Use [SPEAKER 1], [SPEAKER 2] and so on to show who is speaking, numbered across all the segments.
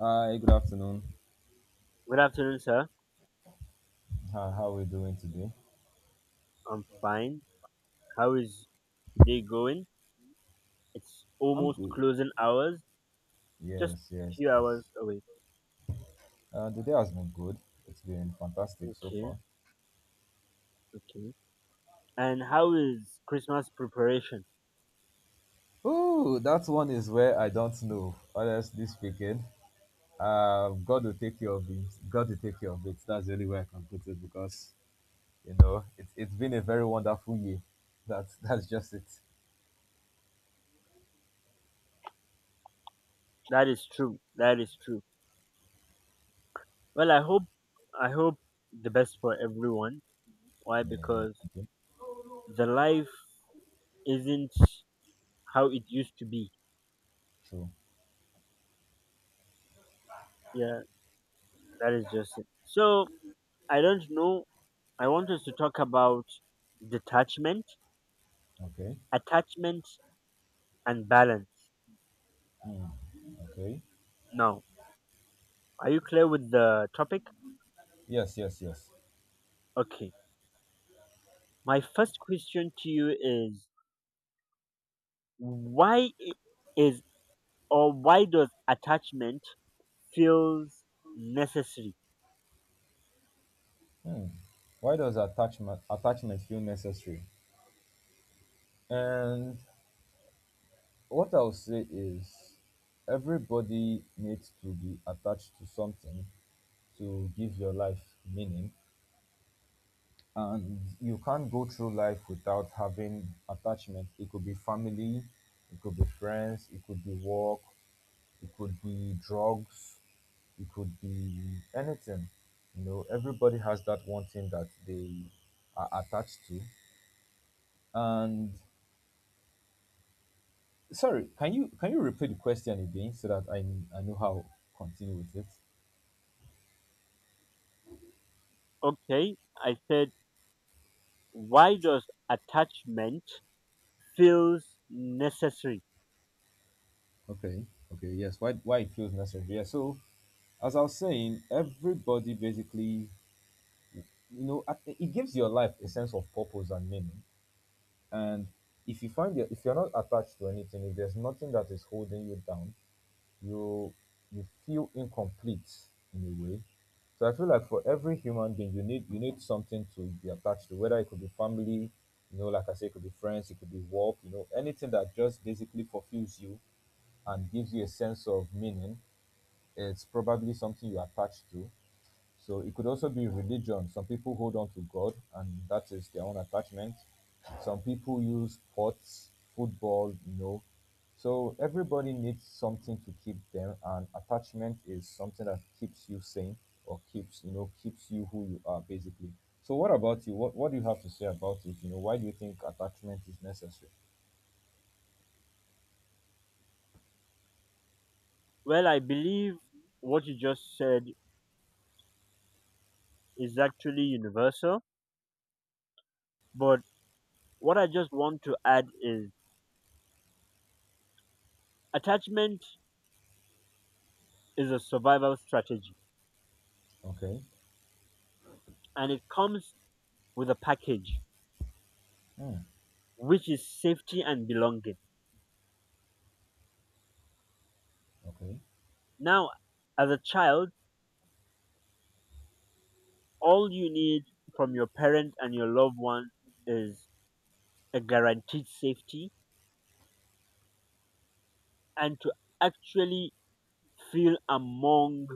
[SPEAKER 1] Hi, good afternoon.
[SPEAKER 2] Good afternoon, sir.
[SPEAKER 1] How are we doing today?
[SPEAKER 2] I'm fine. How is today going? It's
[SPEAKER 1] I'm
[SPEAKER 2] almost
[SPEAKER 1] good.
[SPEAKER 2] closing hours, just
[SPEAKER 1] Yes, yes,
[SPEAKER 2] few
[SPEAKER 1] yes.
[SPEAKER 2] hours away.
[SPEAKER 1] The day has been good. It's been fantastic so
[SPEAKER 2] Okay,
[SPEAKER 1] far.
[SPEAKER 2] okay. And how is Christmas preparation?
[SPEAKER 1] Oh, that one is where I don't know. Honestly speaking, God will take care of it. God will take care of it. That's the only way I can put it because, it's been a very wonderful year. That's just it.
[SPEAKER 2] That is true. That is true. Well, I hope the best for everyone. Why?
[SPEAKER 1] Yeah, yeah.
[SPEAKER 2] Because
[SPEAKER 1] Okay.
[SPEAKER 2] the life isn't how it used to be.
[SPEAKER 1] True.
[SPEAKER 2] Yeah, that is just it. So, I don't know. I want us to talk about detachment,
[SPEAKER 1] Okay.
[SPEAKER 2] attachment and balance.
[SPEAKER 1] Okay.
[SPEAKER 2] Now, are you clear with the topic?
[SPEAKER 1] Yes, yes, yes.
[SPEAKER 2] Okay. My first question to you is why I- is or why does attachment feels necessary?
[SPEAKER 1] Why does attachment feel necessary? And what I'll say is everybody needs to be attached to something to give your life meaning. And you can't go through life without having attachment. It could be family, it could be friends, it could be work, it could be drugs, it could be anything. Everybody has that one thing that they are attached to. And sorry, can you repeat the question again so that I know how to continue with it?
[SPEAKER 2] Okay, I said why does attachment feels necessary?
[SPEAKER 1] Okay. Okay. Yes. Why? Why it feels necessary? Yeah. So, as I was saying, everybody basically, it gives your life a sense of purpose and meaning. And if you're not attached to anything, if there's nothing that is holding you down, you you feel incomplete in a way. So I feel like for every human being, you need something to be attached to. Whether it could be family, like I say, it could be friends, it could be work, anything that just basically fulfills you and gives you a sense of meaning. It's probably something you attach to. So it could also be religion. Some people hold on to God, and that is their own attachment. Some people use sports, football. So everybody needs something to keep them, and attachment is something that keeps you sane or keeps you who you are basically. So what about you? What do you have to say about it? Why do you think attachment is necessary?
[SPEAKER 2] Well, I believe what you just said is actually universal, but what I just want to add is attachment is a survival strategy,
[SPEAKER 1] Okay.
[SPEAKER 2] and it comes with a package
[SPEAKER 1] Mm.
[SPEAKER 2] which is safety and belonging.
[SPEAKER 1] Okay.
[SPEAKER 2] Now, as a child, all you need from your parent and your loved one is a guaranteed safety and to actually feel among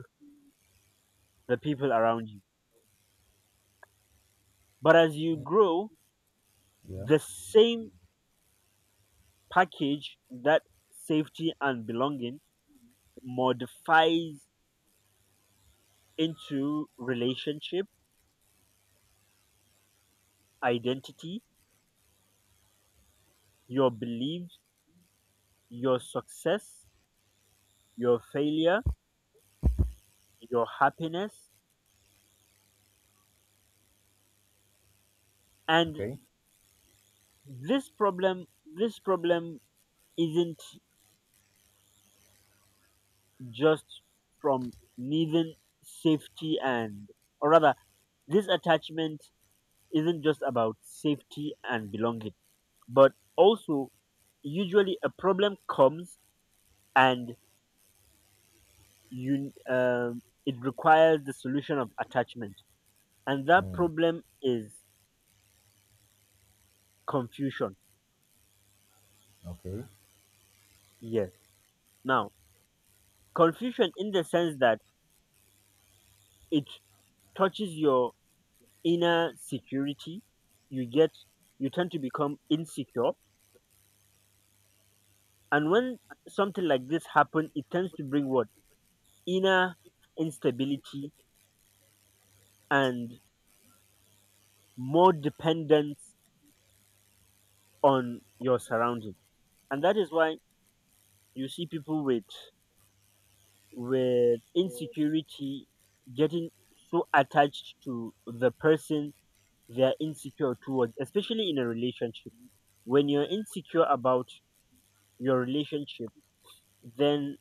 [SPEAKER 2] the people around you. But as you
[SPEAKER 1] Mm.
[SPEAKER 2] grow,
[SPEAKER 1] Yeah.
[SPEAKER 2] the same package, that safety and belonging, modifies into relationship, identity, your beliefs, your success, your failure, your happiness, and
[SPEAKER 1] Okay.
[SPEAKER 2] this problem this problem isn't just from needing safety and, or rather, this attachment isn't just about safety and belonging, but also usually a problem comes and you it requires the solution of attachment, and that
[SPEAKER 1] Mm.
[SPEAKER 2] problem is confusion.
[SPEAKER 1] Okay.
[SPEAKER 2] Yes. Now, confusion in the sense that it touches your inner security. You get you tend to become insecure, and when something like this happen, it tends to bring what? Inner instability and more dependence on your surrounding. And that is why you see people with insecurity getting so attached to the person they are insecure towards, especially in a relationship. When you're insecure about your relationship, then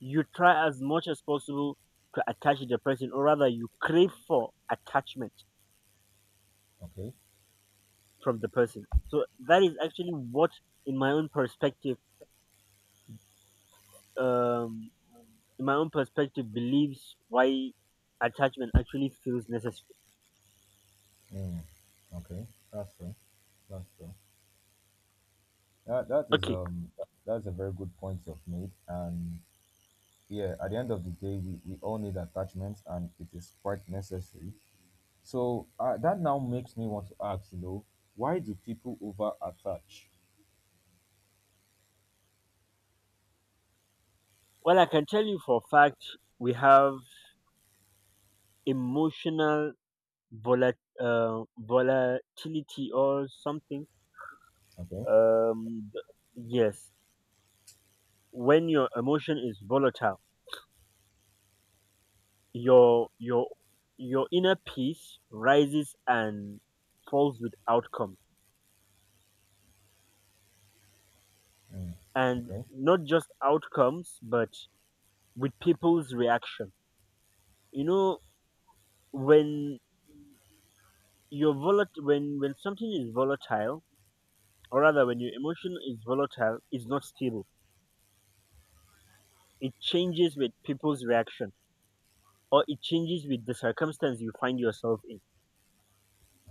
[SPEAKER 2] you try as much as possible to attach the person, or rather, you crave for attachment
[SPEAKER 1] Okay.
[SPEAKER 2] from the person. So that is actually what, in my own perspective, um, in my own perspective, believes why attachment actually feels necessary.
[SPEAKER 1] Mm, okay, that's true. That's true. That that is
[SPEAKER 2] Okay,
[SPEAKER 1] um that's a very good point you've made. And yeah, at the end of the day, we all need attachments, and it is quite necessary. So that now makes me want to ask, why do people over attach?
[SPEAKER 2] well, I can tell you for a fact we have emotional volat- volatility or something.
[SPEAKER 1] Okay.
[SPEAKER 2] Um, th- yes, when your emotion is volatile, Your your your inner peace rises and falls with outcome,
[SPEAKER 1] Mm,
[SPEAKER 2] and
[SPEAKER 1] okay.
[SPEAKER 2] not just outcomes, but with people's reaction. You know, when when something is volatile, or rather, when your emotion is volatile, it's not stable. It changes with people's reaction, or it changes with the circumstance you find yourself in.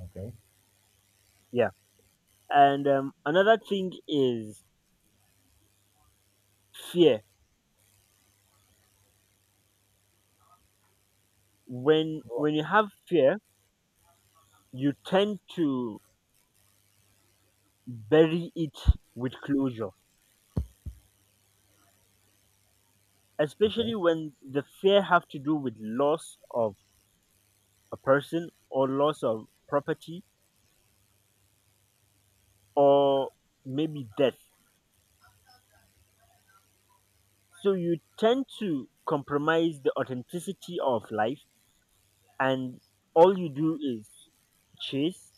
[SPEAKER 1] Okay.
[SPEAKER 2] Yeah, and another thing is fear. When
[SPEAKER 1] Go on.
[SPEAKER 2] when you have fear, you tend to bury it with closure,
[SPEAKER 1] Okay.
[SPEAKER 2] especially when the fear have to do with loss of a person or loss of property or maybe death. So you tend to compromise the authenticity of life, and all you do is chase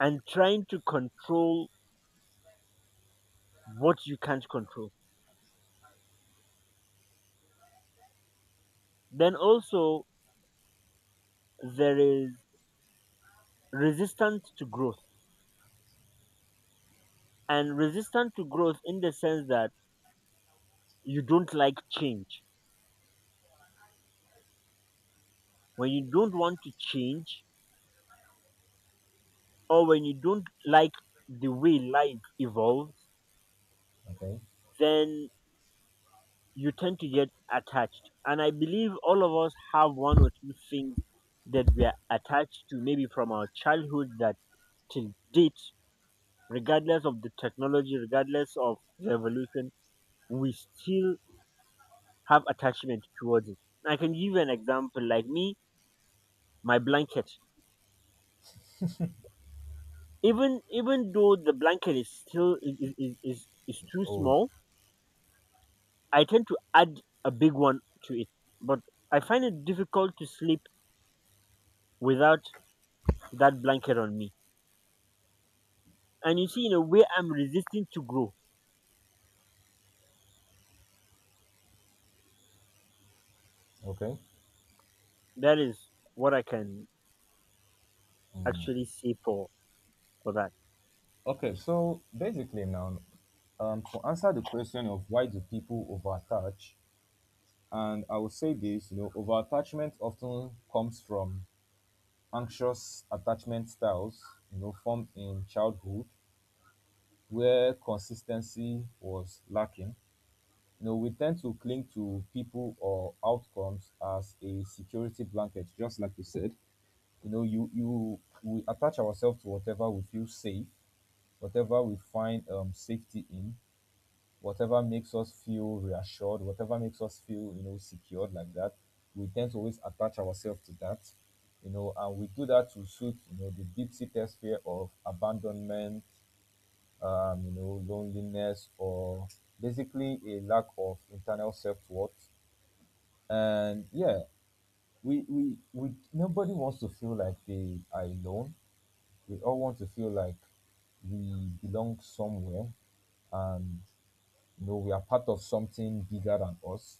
[SPEAKER 2] and trying to control what you can't control. Then also there is resistance to growth, and resistance to growth in the sense that you don't like change. When you don't want to change or when you don't like the way life evolves,
[SPEAKER 1] Okay.
[SPEAKER 2] then you tend to get attached. And I believe all of us have one or two things that we are attached to, maybe from our childhood, that till date, regardless of the technology, regardless of the evolution, we still have attachment towards it. I can give you an example like me, my blanket. Even though the blanket is still is too
[SPEAKER 1] Old.
[SPEAKER 2] small, I tend to add a big one to it, but I find it difficult to sleep without that blanket on me. And you see, in a way, I'm resisting to grow.
[SPEAKER 1] Okay.
[SPEAKER 2] That is what I can actually say for that
[SPEAKER 1] Okay. So basically now, to answer the question of why do people over attach. And I would say this, over attachment often comes from anxious attachment styles, formed in childhood where consistency was lacking. We tend to cling to people or outcomes as a security blanket, just like you said. You know, you We attach ourselves to whatever we feel safe, whatever we find safety in, whatever makes us feel reassured, whatever makes us feel, secured like that, we tend to always attach ourselves to that, and we do that to suit, the deep seated fear of abandonment, loneliness, or basically a lack of internal self worth. And yeah, nobody wants to feel like they are alone. We all want to feel like we belong somewhere and we are part of something bigger than us.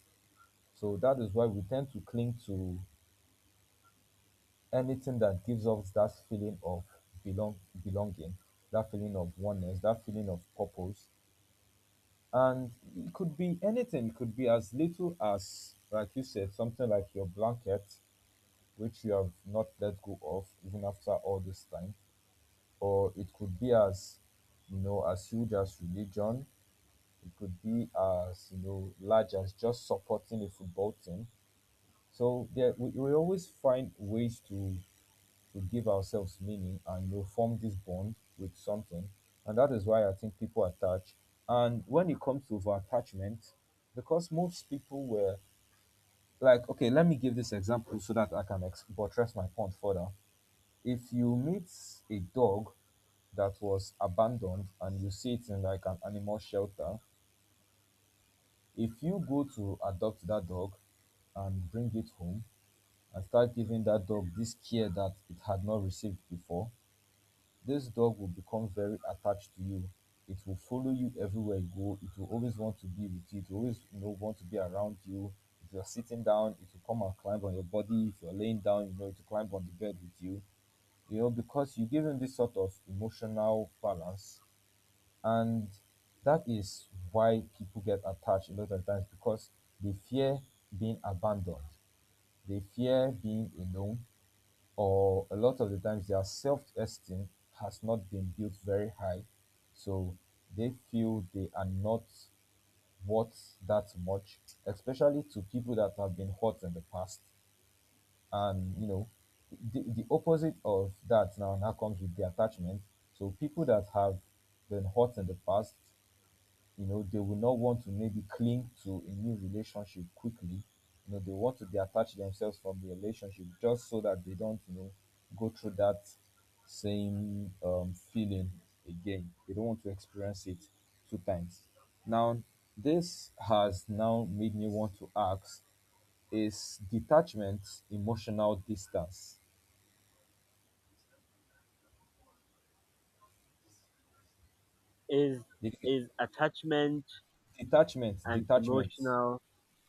[SPEAKER 1] So that is why we tend to cling to anything that gives us that feeling of belong belonging, that feeling of oneness, that feeling of purpose. And it could be anything. It could be as little as, like you said, something like your blanket, which you have not let go of even after all this time. Or it could be as, as huge as religion. It could be as, large as just supporting a football team. So there, we always find ways to we give ourselves meaning, and you form this bond with something. And that is why I think people attach. And when it comes to over attachment, because most people were like, okay, let me give this example so that I can buttress my point further. If you meet a dog that was abandoned and you see it in like an animal shelter, if you go to adopt that dog and bring it home and start giving that dog this care that it had not received before, this dog will become very attached to you. It will follow you everywhere you go. It will always want to be with you. It will always want to be around you. If you're sitting down, it will come and climb on your body. If you're laying down, it will climb on the bed with you. Because you give him this sort of emotional balance. And that is why people get attached a lot of times, because they fear being abandoned, they fear being alone, or a lot of the times their self-esteem has not been built very high, so they feel they are not worth that much, especially to people that have been hurt in the past. And the opposite of that now comes with the attachment. So people that have been hurt in the past, they will not want to maybe cling to a new relationship quickly. They want to detach themselves from the relationship, just so that they don't go through that same feeling again. They don't want to experience it two times. Now, this has now made me want to ask, is detachment emotional distance?
[SPEAKER 2] is
[SPEAKER 1] Det-
[SPEAKER 2] is attachment
[SPEAKER 1] detachment
[SPEAKER 2] and
[SPEAKER 1] detachment
[SPEAKER 2] emotional.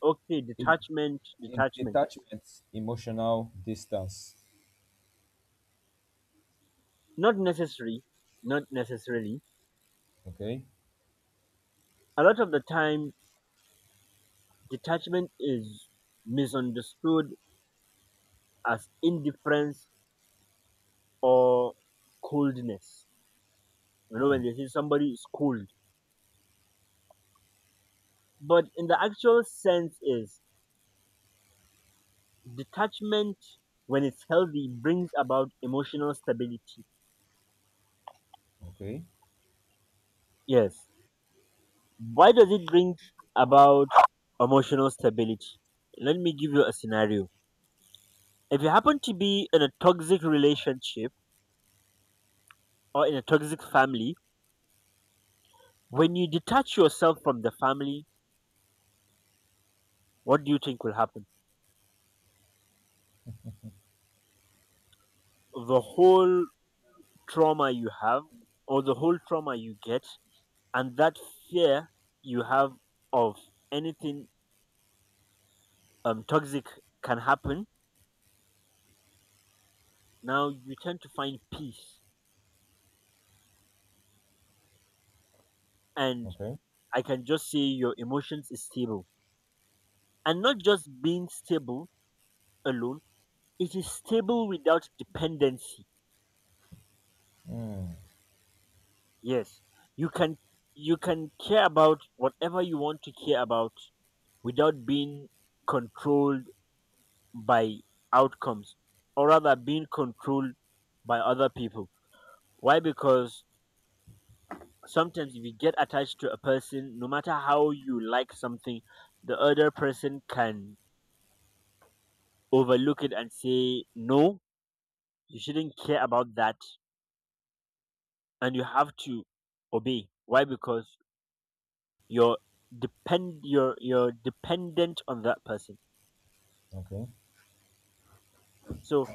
[SPEAKER 2] Okay,
[SPEAKER 1] is,
[SPEAKER 2] detachment,
[SPEAKER 1] is
[SPEAKER 2] detachment.
[SPEAKER 1] detachment emotional distance?
[SPEAKER 2] Not necessary, not necessarily.
[SPEAKER 1] Okay.
[SPEAKER 2] A lot of the time, detachment is misunderstood as indifference or coldness. You know, when
[SPEAKER 1] Hmm.
[SPEAKER 2] they say somebody is cold, but in the actual sense is detachment. When it's healthy, brings about emotional stability.
[SPEAKER 1] Okay,
[SPEAKER 2] Yes. Why does it bring about emotional stability? Let me give you a scenario. If you happen to be in a toxic relationship or in a toxic family, when you detach yourself from the family, what do you think will happen? The whole trauma you have, or the whole trauma you get, and that fear you have of anything toxic can happen. Now you tend to find peace, and
[SPEAKER 1] okay,
[SPEAKER 2] I can just say your emotions is stable, and not just being stable alone, it is stable without dependency.
[SPEAKER 1] mm,
[SPEAKER 2] Yes. You can you can care about whatever you want to care about without being controlled by outcomes, or rather being controlled by other people. Why? Because sometimes if you get attached to a person, no matter how you like something, the other person can overlook it and say, no, you shouldn't care about that, and you have to obey. Why? Because you're you're dependent on that person.
[SPEAKER 1] okay,
[SPEAKER 2] So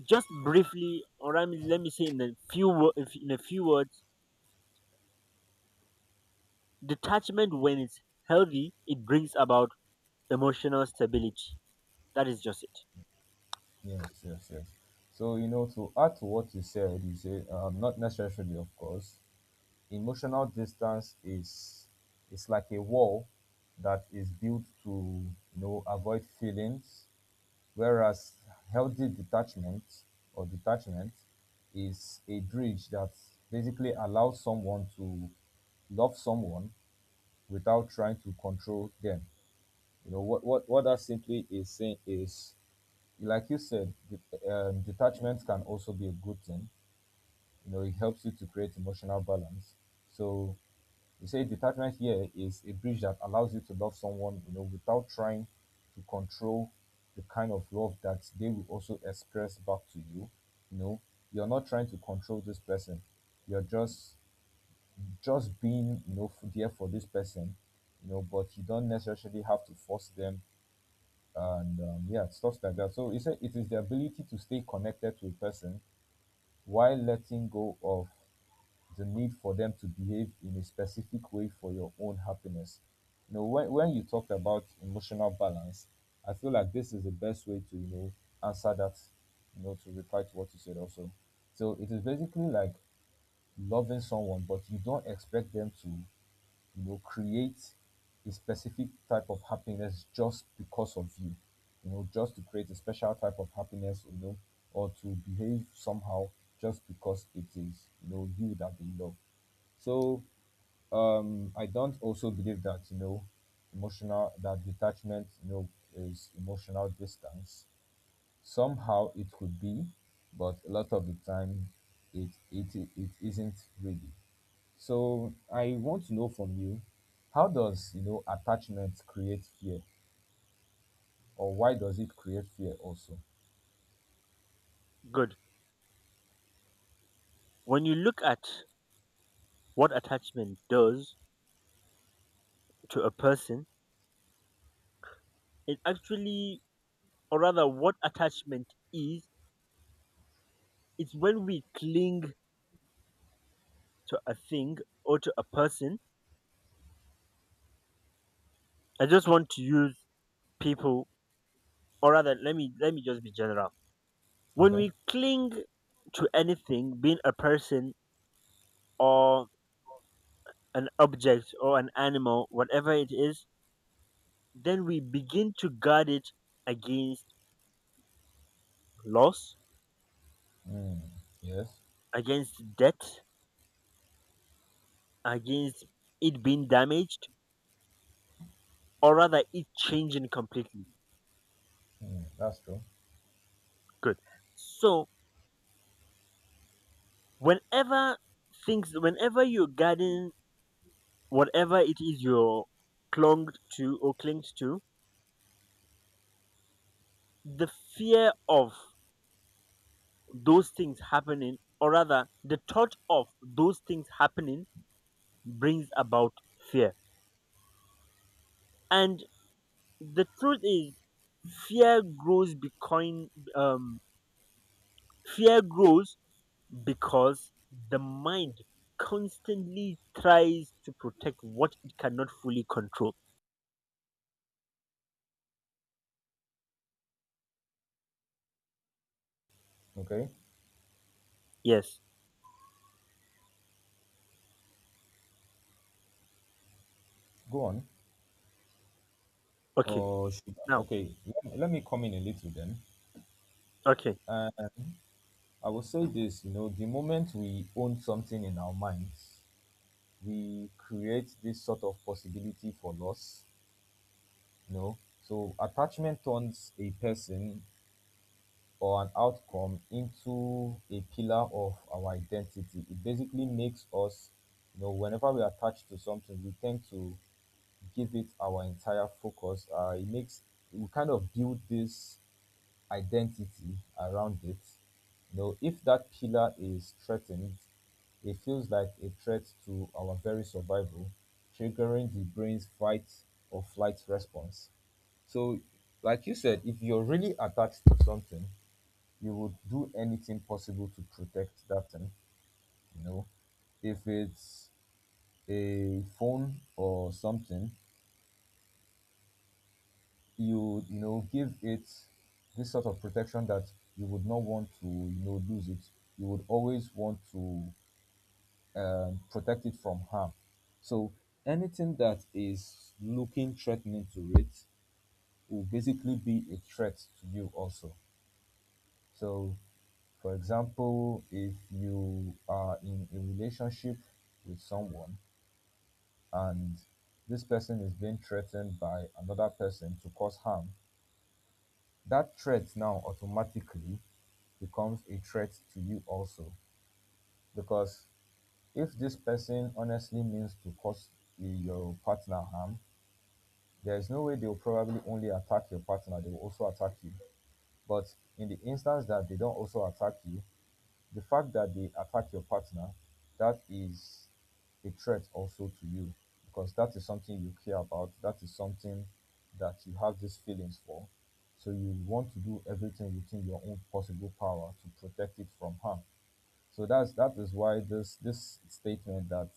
[SPEAKER 2] just briefly, or I mean, let me say in a few in a few words, detachment, when it's healthy, it brings about emotional stability. That is just it.
[SPEAKER 1] yes, yes, yes. So, to add to what you said, you say, not necessarily, of course, emotional distance is it's like a wall that is built to, avoid feelings, whereas healthy detachment or detachment is a bridge that basically allows someone to love someone without trying to control them. You know what that simply is saying is, like you said, detachment can also be a good thing. It helps you to create emotional balance. So you say detachment here is a bridge that allows you to love someone, without trying to control the kind of love that they will also express back to you. You know, you're not trying to control this person. You're just being, there for this person. But you don't necessarily have to force them and yeah, stuff like that. So it is the ability to stay connected to a person while letting go of the need for them to behave in a specific way for your own happiness. When you talk about emotional balance, I feel like this is the best way to, answer that, to reply to what you said also. So it is basically like loving someone, but you don't expect them to create a specific type of happiness just because of you, just to create a special type of happiness, or to behave somehow just because it is, you that they love. So I don't also believe that, that detachment, is emotional distance. Somehow it could be, but a lot of the time it isn't really. So I want to know from you, how does attachment create fear, or why does it create fear also?
[SPEAKER 2] Good. When you look at what attachment does to a person, it actually, or rather, what attachment is, it's when we cling to a thing or to a person. I just want to use people, or rather, let me just be general. When
[SPEAKER 1] Okay.
[SPEAKER 2] we cling to anything, being a person or an object or an animal, whatever it is, then we begin to guard it against loss,
[SPEAKER 1] Mm. Yes.
[SPEAKER 2] against death, against it being damaged, or rather it changing completely.
[SPEAKER 1] Mm. That's true.
[SPEAKER 2] Good. So whenever whenever you're guarding whatever it is you're clung to or clings to, the fear of those things happening, or rather the thought of those things happening, brings about fear. And the truth is, fear grows becoming um fear grows because the mind constantly tries to protect what it cannot fully control.
[SPEAKER 1] Okay,
[SPEAKER 2] Yes.
[SPEAKER 1] go on.
[SPEAKER 2] Okay.
[SPEAKER 1] Or should
[SPEAKER 2] Now,
[SPEAKER 1] Okay, let me come in a little then.
[SPEAKER 2] okay.
[SPEAKER 1] Uh, I will say this, the moment we own something in our minds, we create this sort of possibility for loss, you know. So attachment turns a person or an outcome into a pillar of our identity. It basically makes us, whenever we attach to something, we tend to give it our entire focus. It makes We kind of build this identity around it. If that pillar is threatened, it feels like a threat to our very survival, triggering the brain's fight or flight response. So, like you said, if you're really attached to something, you would do anything possible to protect that thing. You know, if it's a phone or something, you know give it this sort of protection that you would not want to lose it. You would always want to protect it from harm. So anything that is looking threatening to it will basically be a threat to you also. So, for example, if you are in a relationship with someone and this person is being threatened by another person to cause harm, that threat now automatically becomes a threat to you also. Because if this person honestly means to cause your partner harm, there is no way they'll probably only attack your partner, they will also attack you. But in the instance that they don't also attack you, the fact that they attack your partner, that is a threat also to you because that is something you care about. That is something that you have these feelings for. So you want to do everything within your own possible power to protect it from harm. So that is why this statement that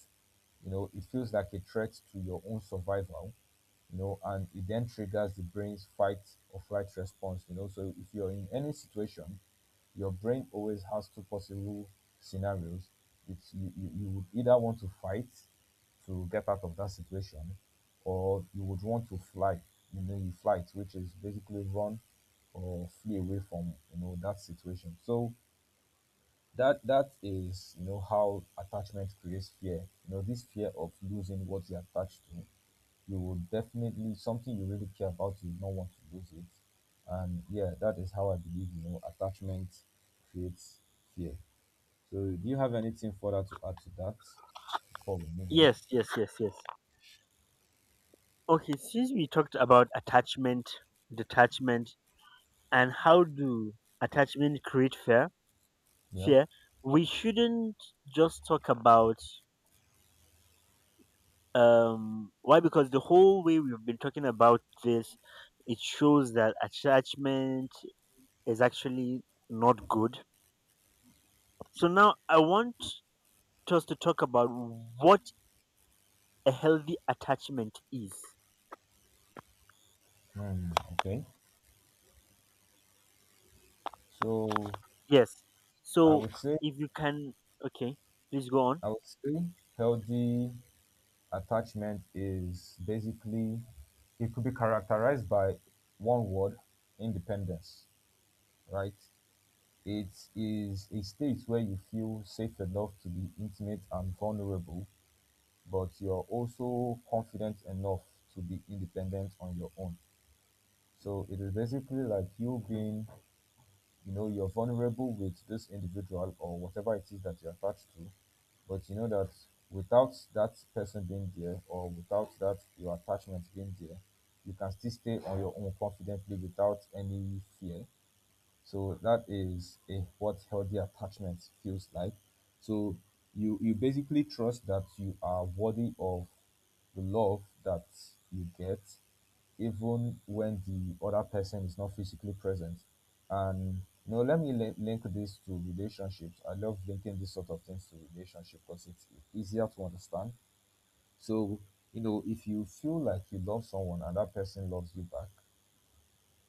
[SPEAKER 1] it feels like a threat to your own survival, and it then triggers the brain's fight or flight response. You know, so if you're in any situation, your brain always has two possible scenarios. You would either want to fight to get out of that situation, or you would want to fly, you know, you flight, which is basically run or flee away from that situation. So that is how attachment creates fear. This fear of losing what you attach to, you will definitely, something you really care about, you will not want to lose it. And yeah, that is how I believe attachment creates fear. So do you have anything further to add to that before we move on?
[SPEAKER 2] Yes, yes, yes, yes. Okay, since we talked about attachment, detachment, and how do attachment create fear,
[SPEAKER 1] Yeah.
[SPEAKER 2] fear, we shouldn't just talk about why, because the whole way we've been talking about this, it shows that attachment is actually not good. So now I want us to talk about what a healthy attachment is.
[SPEAKER 1] Hmm. Okay, so
[SPEAKER 2] Yes.
[SPEAKER 1] i
[SPEAKER 2] So
[SPEAKER 1] would say
[SPEAKER 2] if you can, okay, please go on.
[SPEAKER 1] I would say healthy attachment is basically, it could be characterized by one word: independence, right? It is a state where you feel safe enough to be intimate and vulnerable, but you're also confident enough to be independent on your own. So it is basically like you being, you're vulnerable with this individual or whatever it is that you're attached to, but you know that without that person being there or without that your attachment being there, you can still stay on your own confidently without any fear. So that is a, what healthy attachment feels like. So you basically trust that you are worthy of the love that you get, even when the other person is not physically present. And you know, let me link this to relationships. I love linking this sort of things to relationship because it's easier to understand. So you know, if you feel like you love someone and that person loves you back,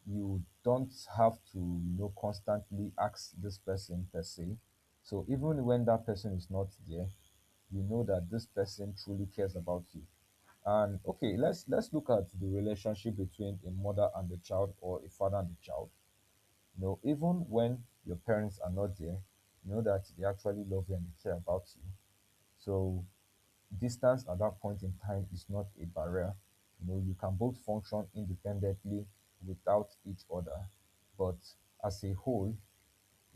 [SPEAKER 1] you don't have to constantly ask this person per se. So even when that person is not there, you know that this person truly cares about you. And okay, let's look at the relationship between a mother and a child or a father and a child. You know, even when your parents are not there, you know that they actually love you and they care about you. So distance at that point in time is not a barrier. You know, you can both function independently without each other, but as a whole,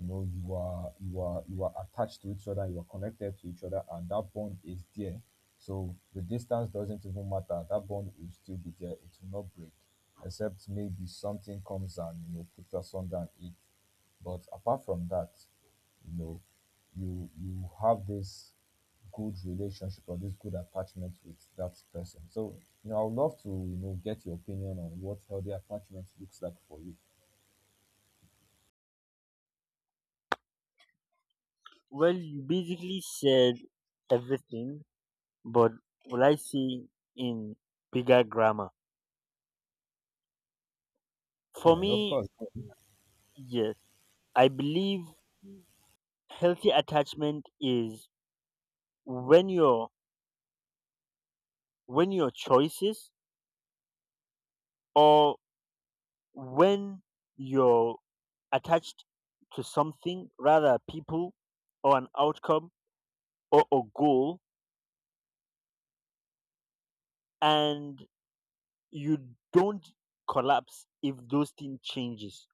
[SPEAKER 1] you know, you are attached to each other, you are connected to each other, and that bond is there. So the distance doesn't even matter. That bond will still be there. It will not break, except maybe something comes and puts asunder and it. But apart from that, you know, you have this good relationship or this good attachment with that person. So, I would love to, get your opinion on what healthy attachment looks like for you.
[SPEAKER 2] Well, you basically said everything, but will I say in bigger grammar? For
[SPEAKER 1] Yeah, of
[SPEAKER 2] me,
[SPEAKER 1] course.
[SPEAKER 2] yes. I believe healthy attachment is when your when your choices, or when your attached to something, rather people or an outcome or a goal, and you don't collapse if those things changes.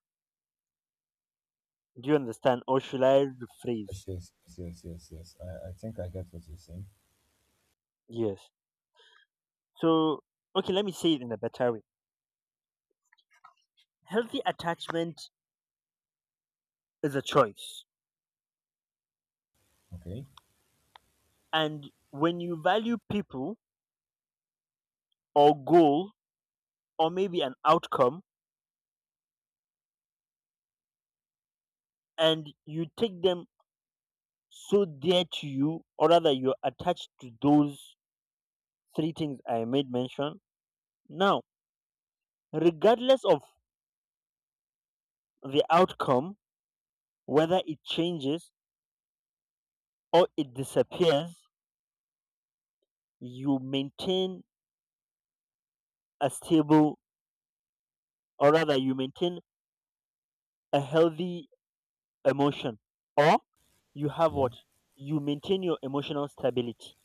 [SPEAKER 2] Do you understand? Or should I rephrase?
[SPEAKER 1] Yes, yes, yes, yes, yes, yes. I think I get what you're saying.
[SPEAKER 2] Yes. So, okay, let me say it in a better way. Healthy attachment is a choice.
[SPEAKER 1] Okay.
[SPEAKER 2] And when you value people or goal or maybe an outcome, and you take them so dear to you, or rather you're attached to those three things I made mention. Now, regardless of the outcome, whether it changes or it disappears, you maintain a stable, or rather, you maintain a healthy emotion, or you have
[SPEAKER 1] Yeah.
[SPEAKER 2] what? You maintain your emotional stability.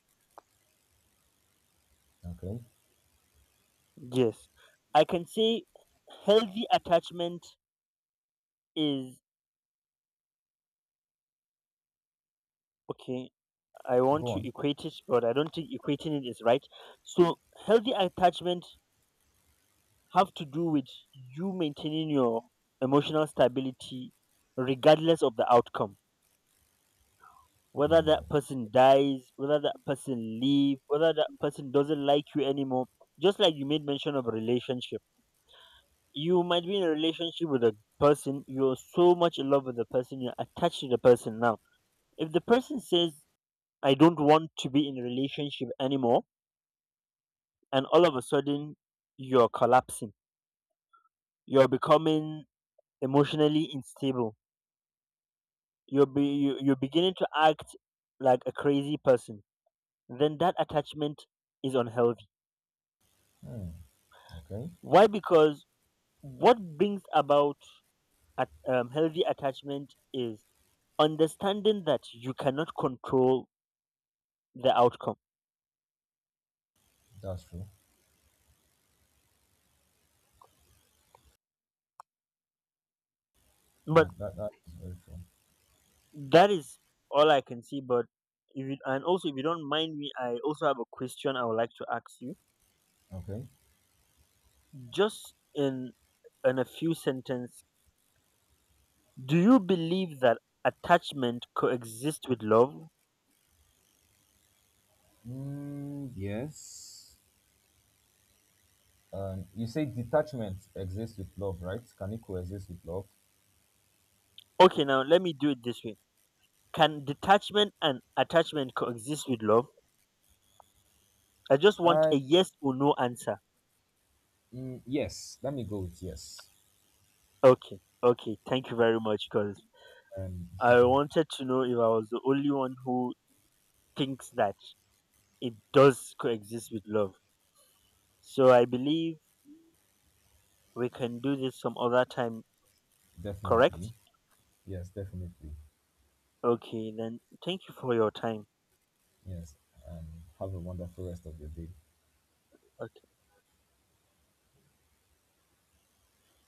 [SPEAKER 1] Okay.
[SPEAKER 2] Yes. I can say healthy attachment is, okay, I want
[SPEAKER 1] Go
[SPEAKER 2] to
[SPEAKER 1] on.
[SPEAKER 2] equate it, but I don't think equating it is right. So, healthy attachment have to do with you maintaining your emotional stability regardless of the outcome, whether that
[SPEAKER 1] Oh.
[SPEAKER 2] person dies, whether that person leave, whether that person doesn't like you anymore. Just like you made mention of relationship, you might be in a relationship with a person you're so much in love with, the person you're attached to the person. Now if the person says, I don't want to be in a relationship anymore, and all of a sudden you're collapsing, you're becoming emotionally unstable, you're beginning to act like a crazy person, then that attachment is unhealthy.
[SPEAKER 1] Hmm. Okay.
[SPEAKER 2] Why? Because what brings about healthy attachment is understanding that you cannot control the outcome.
[SPEAKER 1] That's true.
[SPEAKER 2] But
[SPEAKER 1] That is very true.
[SPEAKER 2] that is all I can see. But if you, and also, if you don't mind me, I also have a question I would like to ask you.
[SPEAKER 1] Okay.
[SPEAKER 2] Just in a few sentences, do you believe that attachment coexists with love?
[SPEAKER 1] Mm, yes. You say detachment exists with love, right? Can it coexist with love?
[SPEAKER 2] Okay, now let me do it this way. Can detachment and attachment coexist with love? I just want
[SPEAKER 1] I,
[SPEAKER 2] a yes or no answer.
[SPEAKER 1] yes. Let me go with yes.
[SPEAKER 2] Okay, okay. Thank you very much, because
[SPEAKER 1] Um,
[SPEAKER 2] I wanted to know if I was the only one who thinks that it does coexist with love. So I believe we can do this some other time, correct?
[SPEAKER 1] definitely. Yes, definitely.
[SPEAKER 2] Okay, then thank you for your time.
[SPEAKER 1] Yes. And have a wonderful rest of your day.